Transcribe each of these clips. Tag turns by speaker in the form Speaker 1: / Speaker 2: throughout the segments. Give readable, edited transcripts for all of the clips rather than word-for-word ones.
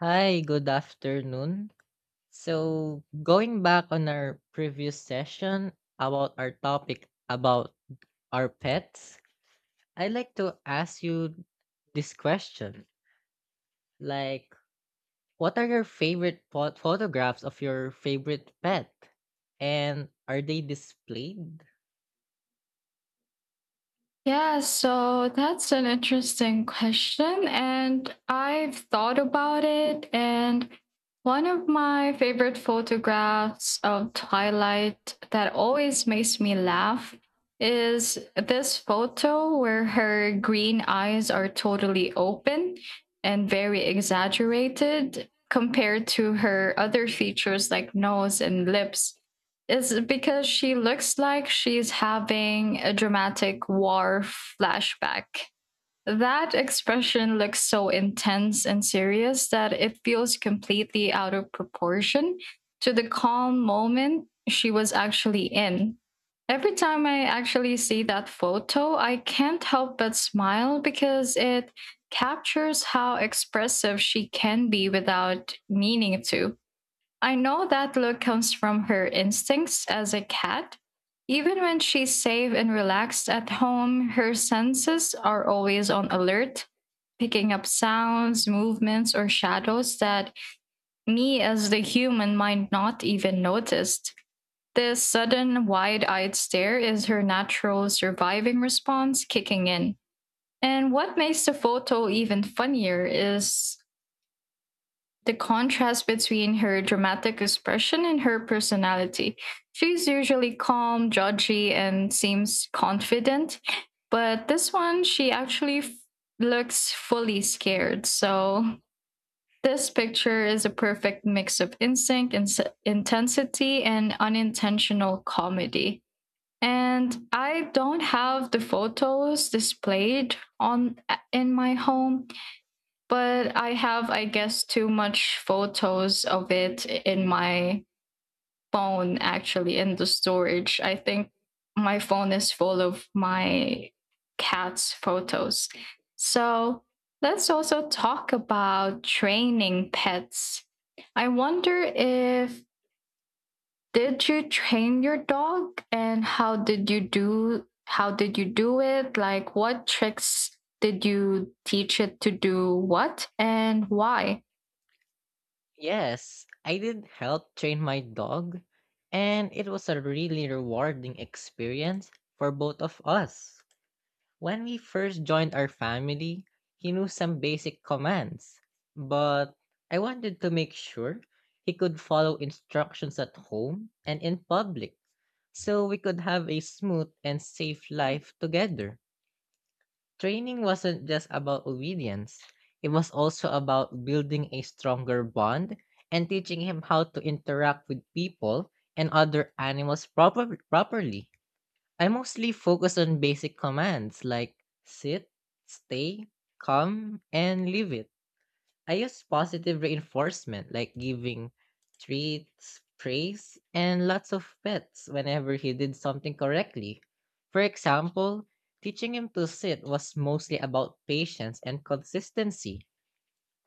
Speaker 1: Hi, good afternoon. So, going back on our previous session about our topic about our pets, I'd like to ask you this question. Like, what are your favorite photographs of your favorite pet? And are they displayed?
Speaker 2: Yeah, so that's an interesting question. And I've thought about it. And one of my favorite photographs of Twilight that always makes me laugh is this photo where her green eyes are totally open and very exaggerated compared to her other features like nose and lips is because she looks like she's having a dramatic war flashback. That expression looks so intense and serious that it feels completely out of proportion to the calm moment she was actually in. Every time I actually see that photo, I can't help but smile because it captures how expressive she can be without meaning to. I know that look comes from her instincts as a cat. Even when she's safe and relaxed at home, her senses are always on alert, picking up sounds, movements, or shadows that me as the human might not even noticed. This sudden wide eyed stare is her natural surviving response kicking in. And what makes the photo even funnier is the contrast between her dramatic expression and her personality. She's usually calm, judgy, and seems confident, but this one, she actually looks fully scared. So, this picture is a perfect mix of instinct, intensity, and unintentional comedy. And I don't have the photos displayed on in my home, but I have, I guess, too much photos of it in my phone, actually, in the storage. I think my phone is full of my cat's photos. So let's also talk about training pets. I wonder if did you train your dog and how did you do it? Like what tricks did you teach it to do what and why?
Speaker 1: Yes, I did help train my dog, and it was a really rewarding experience for both of us. When we first joined our family, he knew some basic commands, but I wanted to make sure he could follow instructions at home and in public so we could have a smooth and safe life together. Training wasn't just about obedience, it was also about building a stronger bond and teaching him how to interact with people and other animals properly. I mostly focus on basic commands like sit, stay, come, and leave it. I use positive reinforcement like giving treats, praise, and lots of pets whenever he did something correctly. For example, teaching him to sit was mostly about patience and consistency.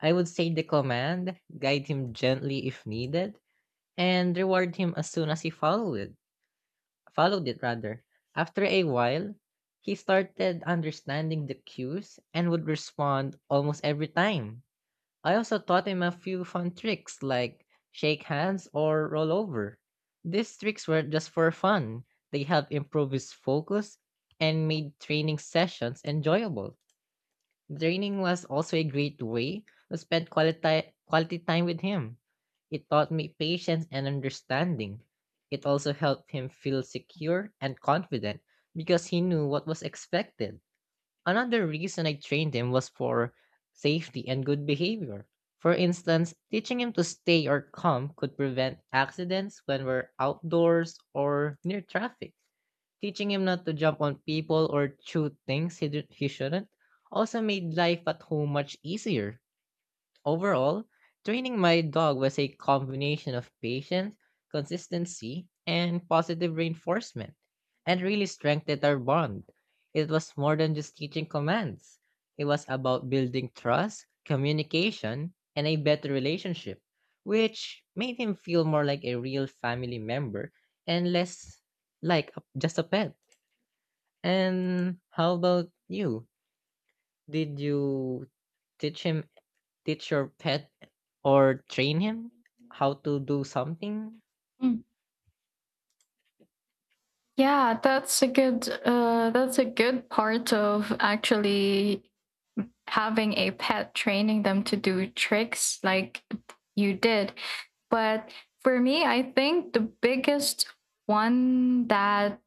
Speaker 1: I would say the command, guide him gently if needed, and reward him as soon as he followed it rather. After a while, he started understanding the cues and would respond almost every time. I also taught him a few fun tricks like shake hands or roll over. These tricks were just for fun. They helped improve his focus and made training sessions enjoyable. Training was also a great way to spend quality time with him. It taught me patience and understanding. It also helped him feel secure and confident because he knew what was expected. Another reason I trained him was for safety and good behavior. For instance, teaching him to stay or calm could prevent accidents when we're outdoors or near traffic. Teaching him not to jump on people or chew things he shouldn't also made life at home much easier. Overall, training my dog was a combination of patience, consistency, and positive reinforcement, and really strengthened our bond. It was more than just teaching commands, it was about building trust, communication, and a better relationship, which made him feel more like a real family member and less like just a pet. And how about you? Did you teach him, teach your pet, or train him how to do something?
Speaker 2: Mm. Yeah, that's a good part of actually having a pet training them to do tricks like you did. But for me, I think the biggest one that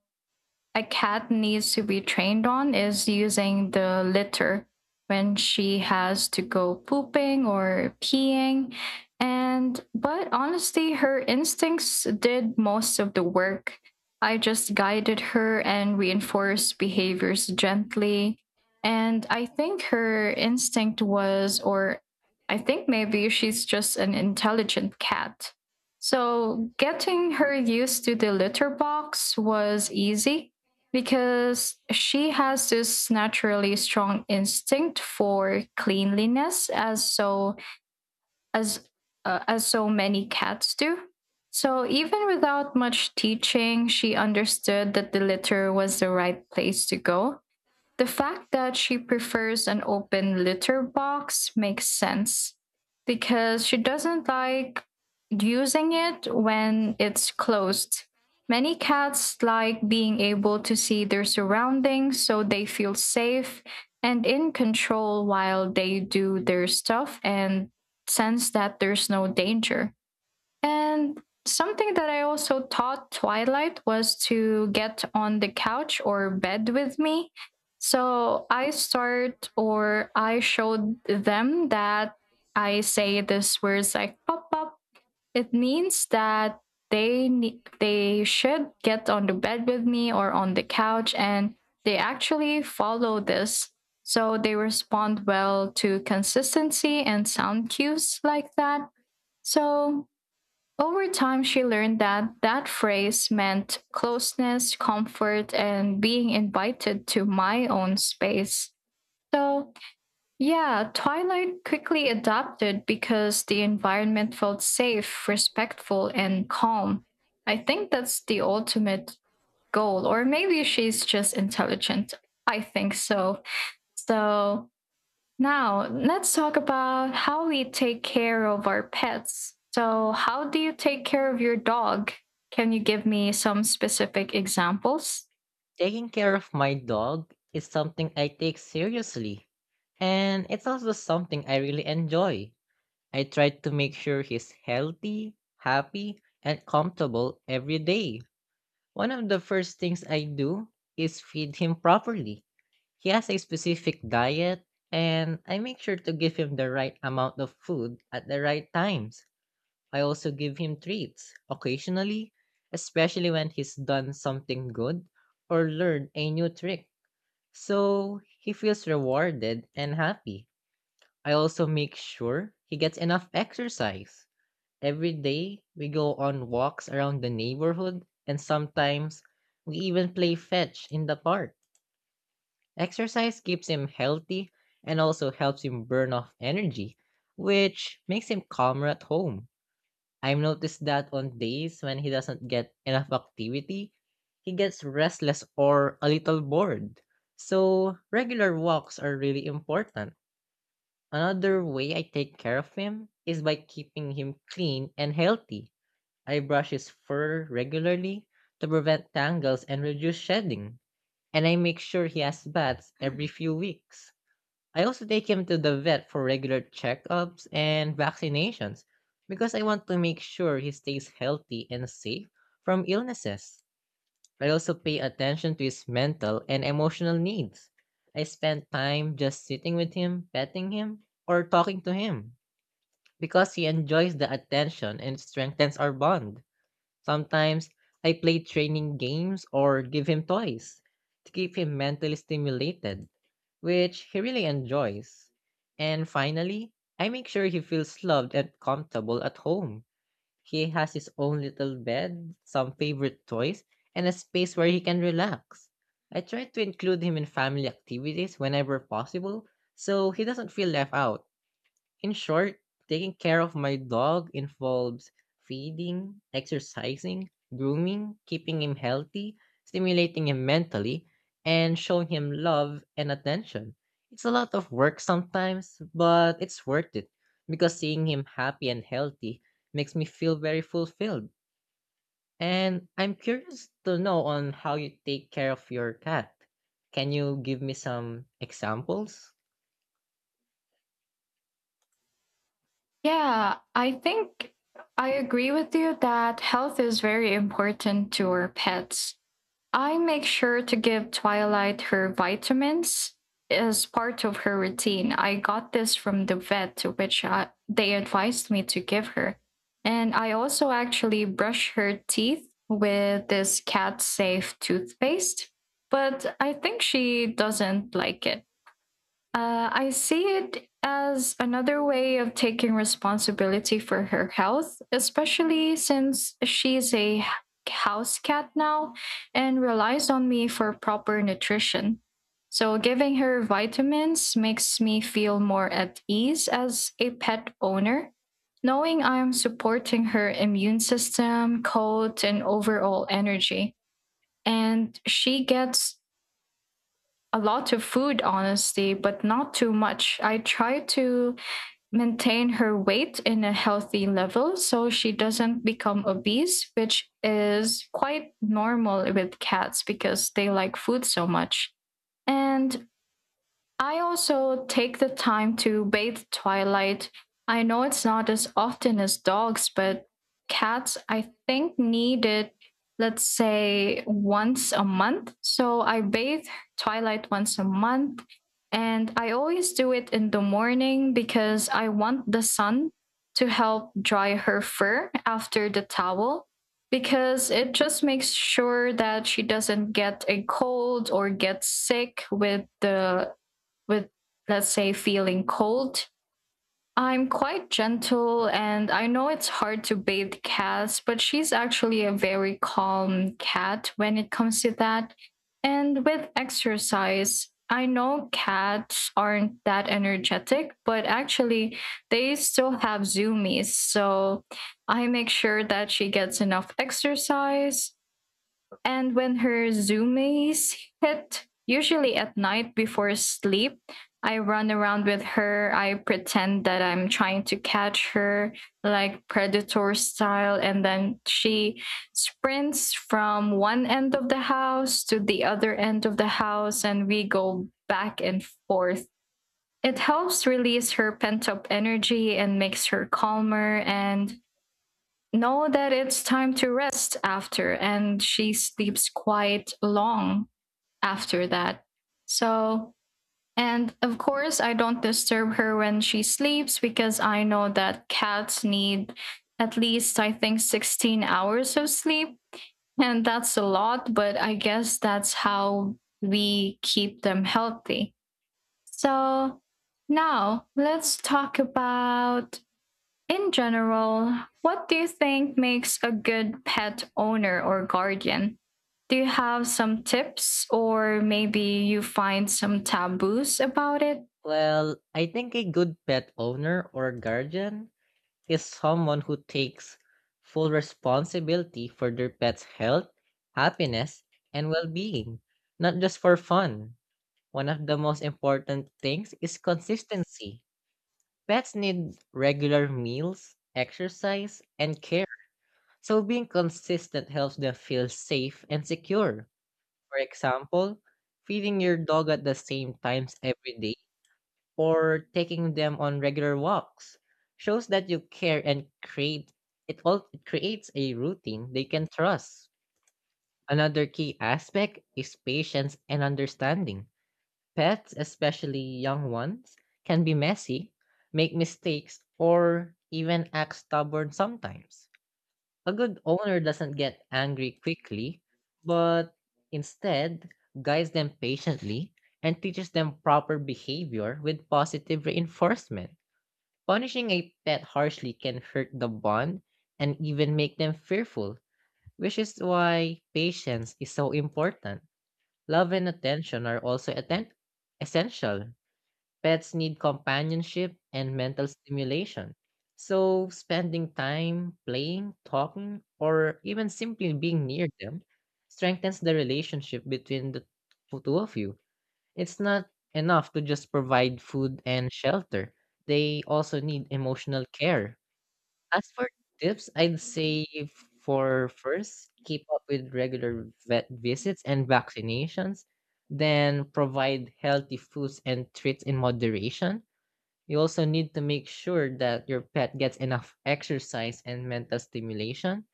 Speaker 2: a cat needs to be trained on is using the litter when she has to go pooping or peeing. And, but honestly, her instincts did most of the work. I just guided her and reinforced behaviors gently. And I think her instinct was, or I think maybe she's just an intelligent cat. So getting her used to the litter box was easy because she has this naturally strong instinct for cleanliness as as so many cats do. So even without much teaching, she understood that the litter was the right place to go. The fact that she prefers an open litter box makes sense because she doesn't like using it when it's closed. Many cats like being able to see their surroundings so they feel safe and in control while they do their stuff and sense that there's no danger. And something that I also taught Twilight was to get on the couch or bed with me. So I start or I showed them that I say this words like pop pop. It means that they should get on the bed with me or on the couch, and they actually follow this. So they respond well to consistency and sound cues like that. So over time, she learned that that phrase meant closeness, comfort, and being invited to my own space. So, yeah, Twilight quickly adapted because the environment felt safe, respectful, and calm. I think that's the ultimate goal, or maybe she's just intelligent. I think so. So, now, let's talk about how we take care of our pets. So, how do you take care of your dog? Can you give me some specific examples?
Speaker 1: Taking care of my dog is something I take seriously, and it's also something I really enjoy. I try to make sure he's healthy, happy, and comfortable every day. One of the first things I do is feed him properly. He has a specific diet, and I make sure to give him the right amount of food at the right times. I also give him treats occasionally, especially when he's done something good or learned a new trick, so he feels rewarded and happy. I also make sure he gets enough exercise. Every day, we go on walks around the neighborhood, and sometimes we even play fetch in the park. Exercise keeps him healthy and also helps him burn off energy, which makes him calmer at home. I've noticed that on days when he doesn't get enough activity, he gets restless or a little bored. So, regular walks are really important. Another way I take care of him is by keeping him clean and healthy. I brush his fur regularly to prevent tangles and reduce shedding, and I make sure he has baths every few weeks. I also take him to the vet for regular checkups and vaccinations because I want to make sure he stays healthy and safe from illnesses. I also pay attention to his mental and emotional needs. I spend time just sitting with him, petting him, or talking to him because he enjoys the attention and strengthens our bond. Sometimes I play training games or give him toys to keep him mentally stimulated, which he really enjoys. And finally, I make sure he feels loved and comfortable at home. He has his own little bed, some favorite toys, and a space where he can relax. I try to include him in family activities whenever possible so he doesn't feel left out. In short, taking care of my dog involves feeding, exercising, grooming, keeping him healthy, stimulating him mentally, and showing him love and attention. It's a lot of work sometimes, but it's worth it because seeing him happy and healthy makes me feel very fulfilled. And I'm curious to know on how you take care of your cat. Can you give me some examples?
Speaker 2: Yeah, I think I agree with you that health is very important to our pets. I make sure to give Twilight her vitamins as part of her routine. I got this from the vet to which I, they advised me to give her. And I also actually brush her teeth with this cat safe toothpaste, but I think she doesn't like it. I see it as another way of taking responsibility for her health, especially since she's house cat now and relies on me for proper nutrition. So, giving her vitamins makes me feel more at ease as a pet owner, knowing I'm supporting her immune system, coat, and overall energy. And she gets a lot of food, honestly, but not too much. I try to maintain her weight in a healthy level so she doesn't become obese, which is quite normal with cats because they like food so much. And I also take the time to bathe Twilight. I know it's not as often as dogs, but cats, I think, need it, let's say, once a month. So I bathe Twilight once a month. And I always do it in the morning because I want the sun to help dry her fur after the towel because it just makes sure that she doesn't get a cold or get sick with the with, let's say, feeling cold. I'm quite gentle, and I know it's hard to bathe cats, but she's actually a very calm cat when it comes to that. And with exercise, I know cats aren't that energetic, but actually, they still have zoomies. So I make sure that she gets enough exercise. And when her zoomies hit, usually at night before sleep, I run around with her. I pretend that I'm trying to catch her, like predator style. And then she sprints from one end of the house to the other end of the house, and we go back and forth. It helps release her pent up energy and makes her calmer. And know that it's time to rest after, and she sleeps quite long after that. So, and of course, I don't disturb her when she sleeps because I know that cats need at least, I think, 16 hours of sleep. And that's a lot, but I guess that's how we keep them healthy. So, now let's talk about in general, what do you think makes a good pet owner or guardian? Do you have some tips or maybe you find some taboos about it?
Speaker 1: Well, I think a good pet owner or guardian is someone who takes full responsibility for their pet's health, happiness, and well being, not just for fun. One of the most important things is consistency. Pets need regular meals, exercise, and care. So being consistent helps them feel safe and secure. For example, feeding your dog at the same times every day or taking them on regular walks shows that you care and create it all it creates a routine they can trust. Another key aspect is patience and understanding. Pets, especially young ones, can be messy, make mistakes, or even act stubborn sometimes. A good owner doesn't get angry quickly, but instead guides them patiently and teaches them proper behavior with positive reinforcement. Punishing a pet harshly can hurt the bond and even make them fearful, which is why patience is so important. Love and attention are also essential. Pets need companionship and mental stimulation. So, spending time playing, talking, or even simply being near them strengthens the relationship between the two of you. It's not enough to just provide food and shelter. They also need emotional care. As for tips, I'd say for first, keep up with regular vet visits and vaccinations, then provide healthy foods and treats in moderation. You also need to make sure that your pet gets enough exercise and mental stimulation.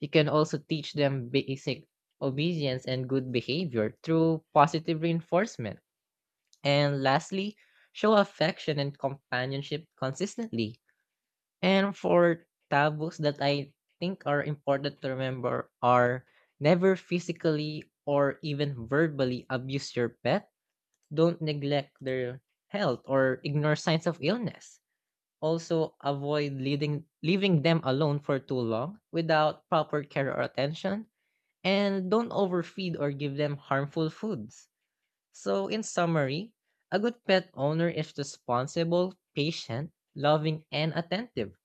Speaker 1: You can also teach them basic obedience and good behavior through positive reinforcement. And lastly, show affection and companionship consistently. And for taboos that I think are important to remember are: never physically or even verbally abuse your pet. Don't neglect their health or ignore signs of illness. Also avoid leading leaving them alone for too long without proper care or attention. And don't overfeed or give them harmful foods. So, in summary, a good pet owner is responsible, patient, loving, and attentive.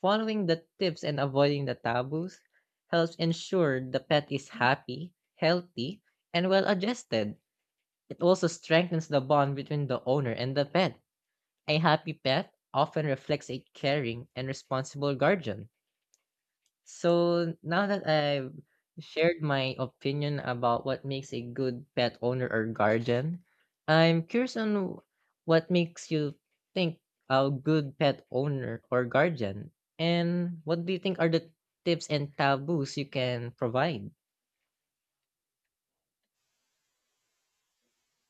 Speaker 1: Following the tips and avoiding the taboos helps ensure the pet is happy, healthy, and well adjusted. It also strengthens the bond between the owner and the pet. A happy pet often reflects a caring and responsible guardian. So now that I've shared my opinion about what makes a good pet owner or guardian, I'm curious on what makes you think a good pet owner or guardian, and what do you think are the tips and taboos you can provide?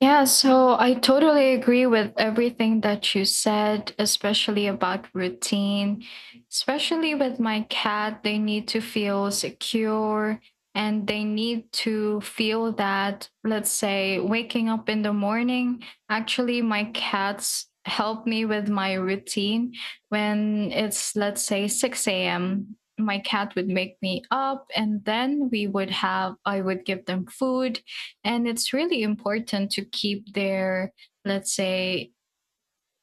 Speaker 2: Yeah, so I totally agree with everything that you said, especially about routine. Especially with my cat, they need to feel secure and they need to feel that, let's say, waking up in the morning. Actually, my cats help me with my routine. When it's, let's say, 6 a.m., my cat would make me up and then I would give them food, and it's really important to keep their, let's say,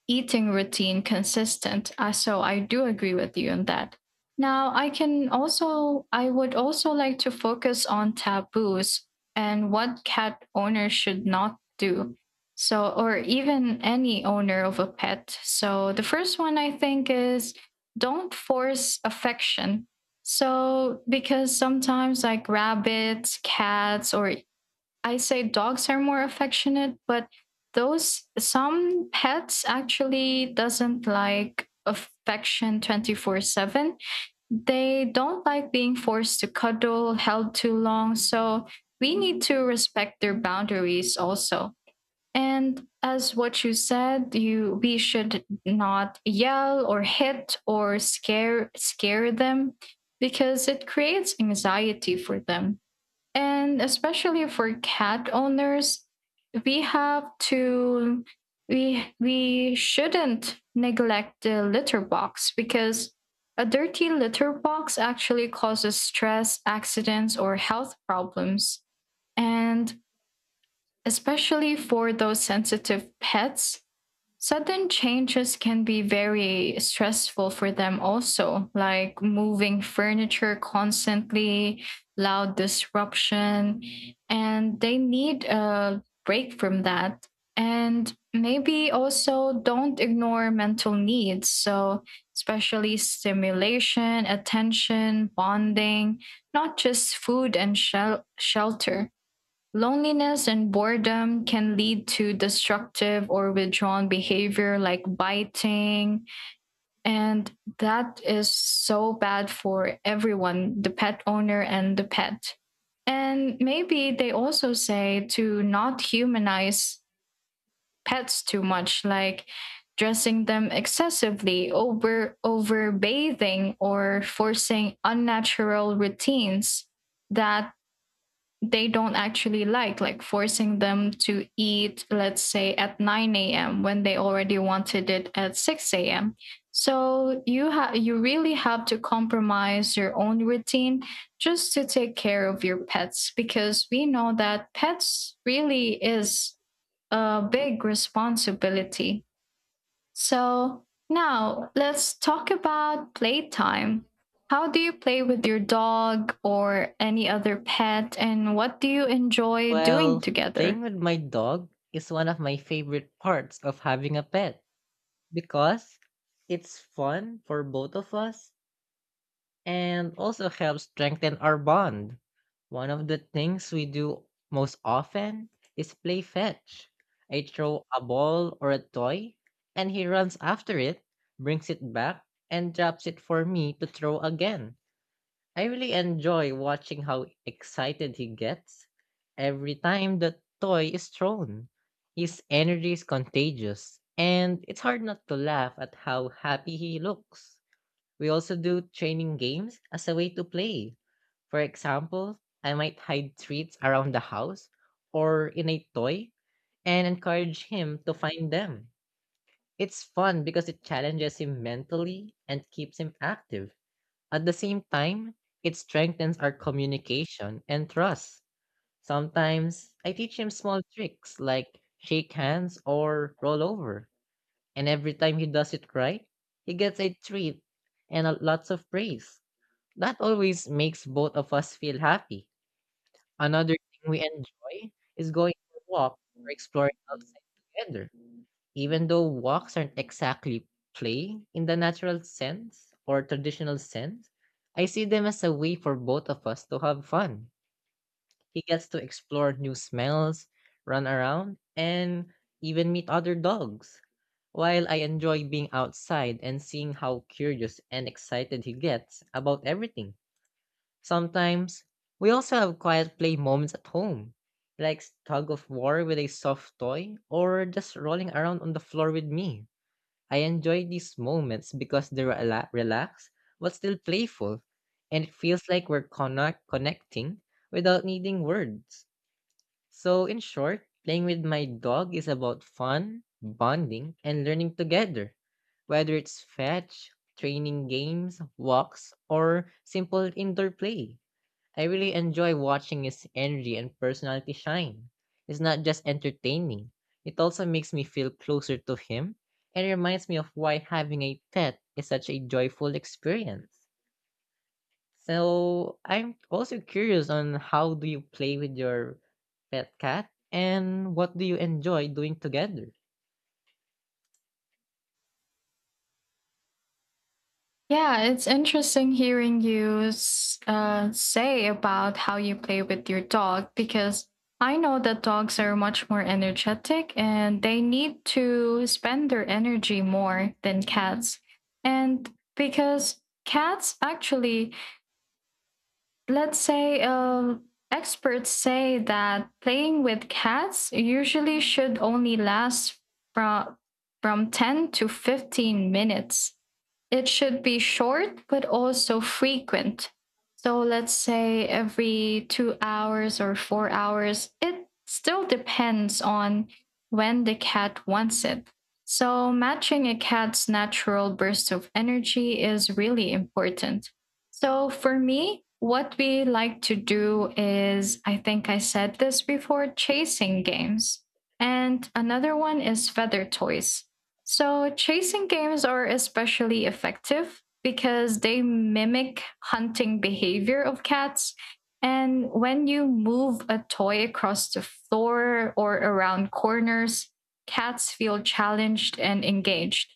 Speaker 2: eating routine consistent. So I do agree with you on that. Now, I would also like to focus on taboos and what cat owners should not do. So, or even any owner of a pet. So, the first one I think is don't force affection. So, because sometimes like rabbits, cats, or I say dogs are more affectionate, but those some pets actually doesn't like affection 24/7. They don't like being forced to cuddle, held too long, so we need to respect their boundaries also. And as what you said, you we should not yell or hit or scare them because it creates anxiety for them. And especially for cat owners, we have to we shouldn't neglect the litter box because a dirty litter box actually causes stress, accidents or health problems. And especially for those sensitive pets, sudden changes can be very stressful for them, also, like moving furniture constantly, loud disruption, and they need a break from that. And maybe also don't ignore mental needs. So, especially stimulation, attention, bonding, not just food and shelter. Loneliness and boredom can lead to destructive or withdrawn behavior like biting. And that is so bad for everyone, the pet owner and the pet. And maybe they also say to not humanize pets too much, like dressing them excessively, overbathing, or forcing unnatural routines that they don't actually like forcing them to eat, let's say, at 9 a.m. when they already wanted it at 6 a.m. So you really have to compromise your own routine just to take care of your pets because we know that pets really is a big responsibility. So now let's talk about playtime. How do you play with your dog or any other pet, and what do you enjoy doing
Speaker 1: Well,
Speaker 2: together?
Speaker 1: playing with my dog is one of my favorite parts of having a pet because it's fun for both of us and also helps strengthen our bond. One of the things we do most often is play fetch. I throw a ball or a toy, and he runs after it, brings it back, and drops it for me to throw again. I really enjoy watching how excited he gets every time the toy is thrown. His energy is contagious, and it's hard not to laugh at how happy he looks. We also do training games as a way to play. For example, I might hide treats around the house or in a toy and encourage him to find them. It's fun because it challenges him mentally and keeps him active. At the same time, it strengthens our communication and trust. Sometimes I teach him small tricks like shake hands or roll over, and every time he does it right, he gets a treat and lots of praise. That always makes both of us feel happy. Another thing we enjoy is going for walks or exploring outside together. Even though walks aren't exactly play in the natural sense or traditional sense, I see them as a way for both of us to have fun. He gets to explore new smells, run around, and even meet other dogs, while I enjoy being outside and seeing how curious and excited he gets about everything. Sometimes we also have quiet play moments at home, like tug of war with a soft toy or just rolling around on the floor with me. I enjoy these moments because they're relaxed but still playful, and it feels like we're connecting without needing words. So, in short, playing with my dog is about fun, bonding, and learning together, whether it's fetch, training games, walks, or simple indoor play. I really enjoy watching his energy and personality shine. It's not just entertaining, it also makes me feel closer to him and reminds me of why having a pet is such a joyful experience. So, I'm also curious on how do you play with your pet cat and what do you enjoy doing together?
Speaker 2: Yeah, it's interesting hearing you say about how you play with your dog because I know that dogs are much more energetic and they need to spend their energy more than cats. And because cats actually let's say experts say that playing with cats usually should only last from from 10 to 15 minutes. It should be short but also frequent. So let's say every 2 hours or 4 hours, it still depends on when the cat wants it. So matching a cat's natural burst of energy is really important. So for me, what we like to do is, I think I said this before, chasing games. And another one is feather toys. So chasing games are especially effective because they mimic hunting behavior of cats. And when you move a toy across the floor or around corners, cats feel challenged and engaged.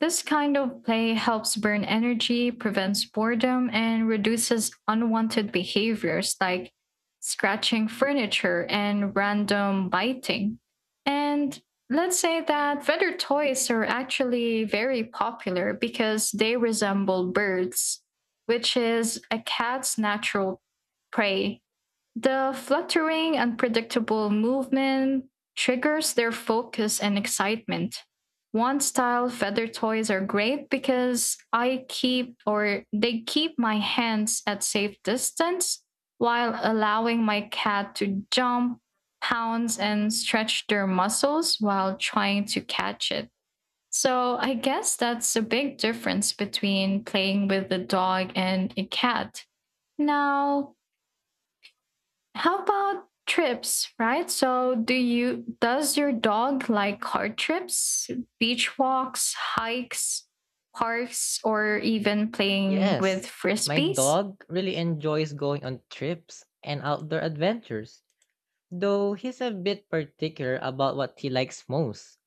Speaker 2: This kind of play helps burn energy, prevents boredom, and reduces unwanted behaviors like scratching furniture and random biting. And let's say that feather toys are actually very popular because they resemble birds, which is a cat's natural prey. The fluttering, unpredictable movement triggers their focus and excitement. One style feather toys are great because I keep or they keep my hands at safe distance while allowing my cat to jump, pounce, and stretch their muscles while trying to catch it. So I guess that's a big difference between playing with a dog and a cat. Now, how about trips, right? So do you does your dog like car trips, beach walks, hikes, parks, or even playing with
Speaker 1: Yes, my
Speaker 2: frisbees?
Speaker 1: dog really enjoys going on trips and outdoor adventures, though he's a bit particular about what he likes most.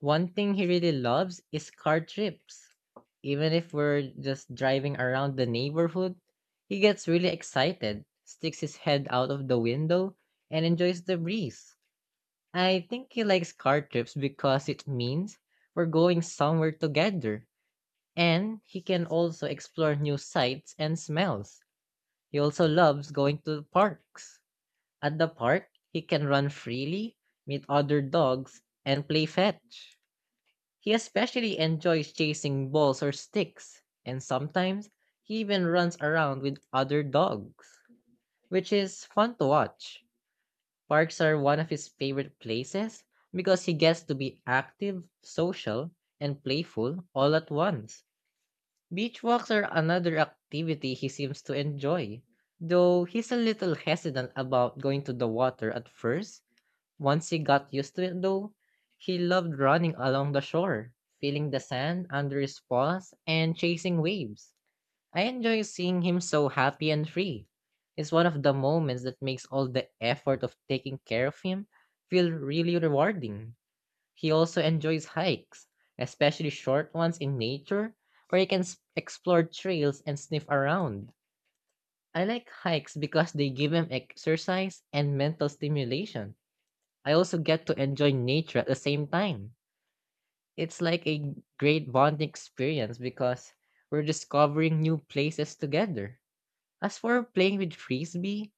Speaker 1: One thing he really loves is car trips. Even if we're just driving around the neighborhood, he gets really excited, sticks his head out of the window, and enjoys the breeze. I think he likes car trips because it means we're going somewhere together, and he can also explore new sights and smells. He also loves going to parks. At the park, he can run freely, meet other dogs, and play fetch. He especially enjoys chasing balls or sticks, and sometimes he even runs around with other dogs, which is fun to watch. Parks are one of his favorite places because he gets to be active, social, and playful all at once. Beach walks are another activity he seems to enjoy, though he's a little hesitant about going to the water at first. Once he got used to it, though, he loved running along the shore, feeling the sand under his paws and chasing waves. I enjoy seeing him so happy and free. It's one of the moments that makes all the effort of taking care of him feel really rewarding. He also enjoys hikes, especially short ones in nature where he can explore trails and sniff around. I like hikes because they give him exercise and mental stimulation. I also get to enjoy nature at the same time. It's like a great bonding experience because we're discovering new places together. As for playing with frisbee,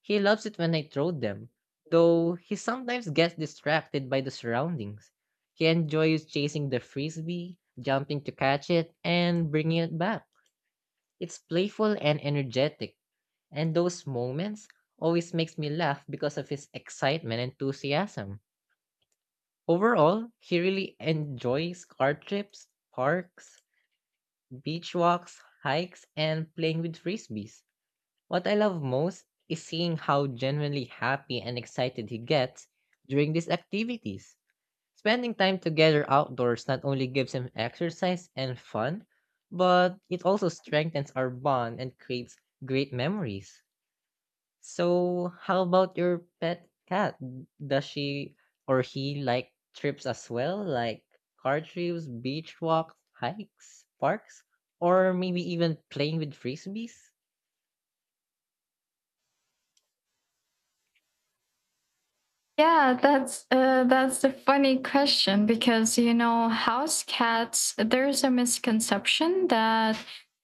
Speaker 1: he loves it when I throw them, though he sometimes gets distracted by the surroundings. He enjoys chasing the frisbee, jumping to catch it, and bringing it back. It's playful and energetic, and those moments always makes me laugh because of his excitement and enthusiasm. Overall, he really enjoys car trips, parks, beach walks, hikes, and playing with frisbees. What I love most is seeing how genuinely happy and excited he gets during these activities. Spending time together outdoors not only gives him exercise and fun, but it also strengthens our bond and creates great memories. So, how about your pet cat? Does she or he like trips as well, like car trips, beach walks, hikes, parks, or maybe even playing with frisbees?
Speaker 2: Yeah, that's a funny question because you know house cats. There's a misconception that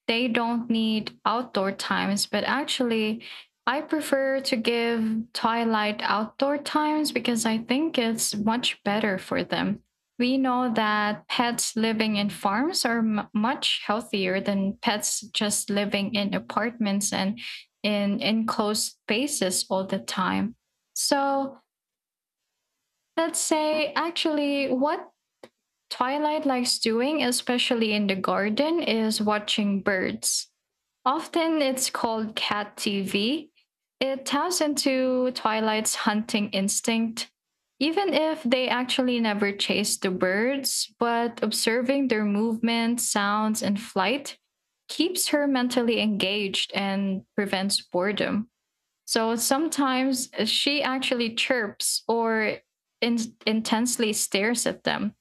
Speaker 2: they don't need outdoor times, but actually, I prefer to give Twilight outdoor times because I think it's much better for them. We know that pets living in farms are much healthier than pets just living in apartments and in enclosed spaces all the time. So let's say, actually, what Twilight likes doing, especially in the garden, is watching birds. Often it's called cat TV. It taps into Twilight's hunting instinct, even if they actually never chase the birds, but observing their movements, sounds, and flight keeps her mentally engaged and prevents boredom. So sometimes she actually chirps or intensely stares at them.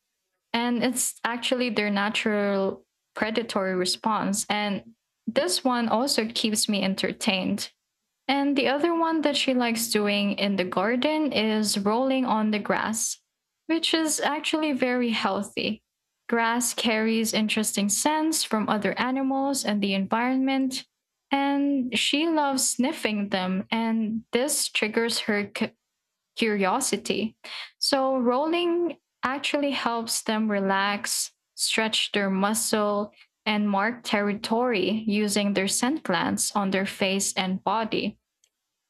Speaker 2: And it's actually their natural predatory response. And this one also keeps me entertained. And the other one that she likes doing in the garden is rolling on the grass, which is actually very healthy. Grass carries interesting scents from other animals and the environment, and she loves sniffing them, and this triggers her curiosity. So, rolling actually helps them relax, stretch their muscle, and mark territory using their scent glands on their face and body.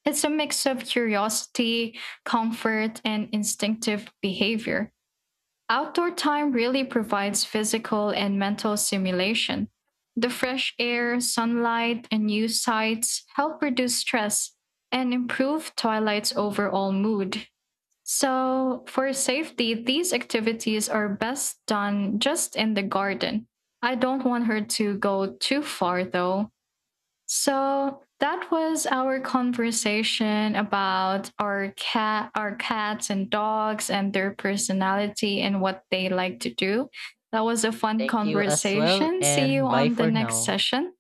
Speaker 2: It's a mix of curiosity, comfort, and instinctive behavior. Outdoor time really provides physical and mental stimulation. The fresh air, sunlight, and new sights help reduce stress and improve Twilight's overall mood. So, for safety, these activities are best done just in the garden. I don't want her to go too far though. So that was our conversation about our cats and dogs and their personality and what they like to do. That was a fun
Speaker 1: Thank you as well,
Speaker 2: conversation. See you
Speaker 1: and bye
Speaker 2: on the
Speaker 1: for
Speaker 2: next
Speaker 1: now.
Speaker 2: session.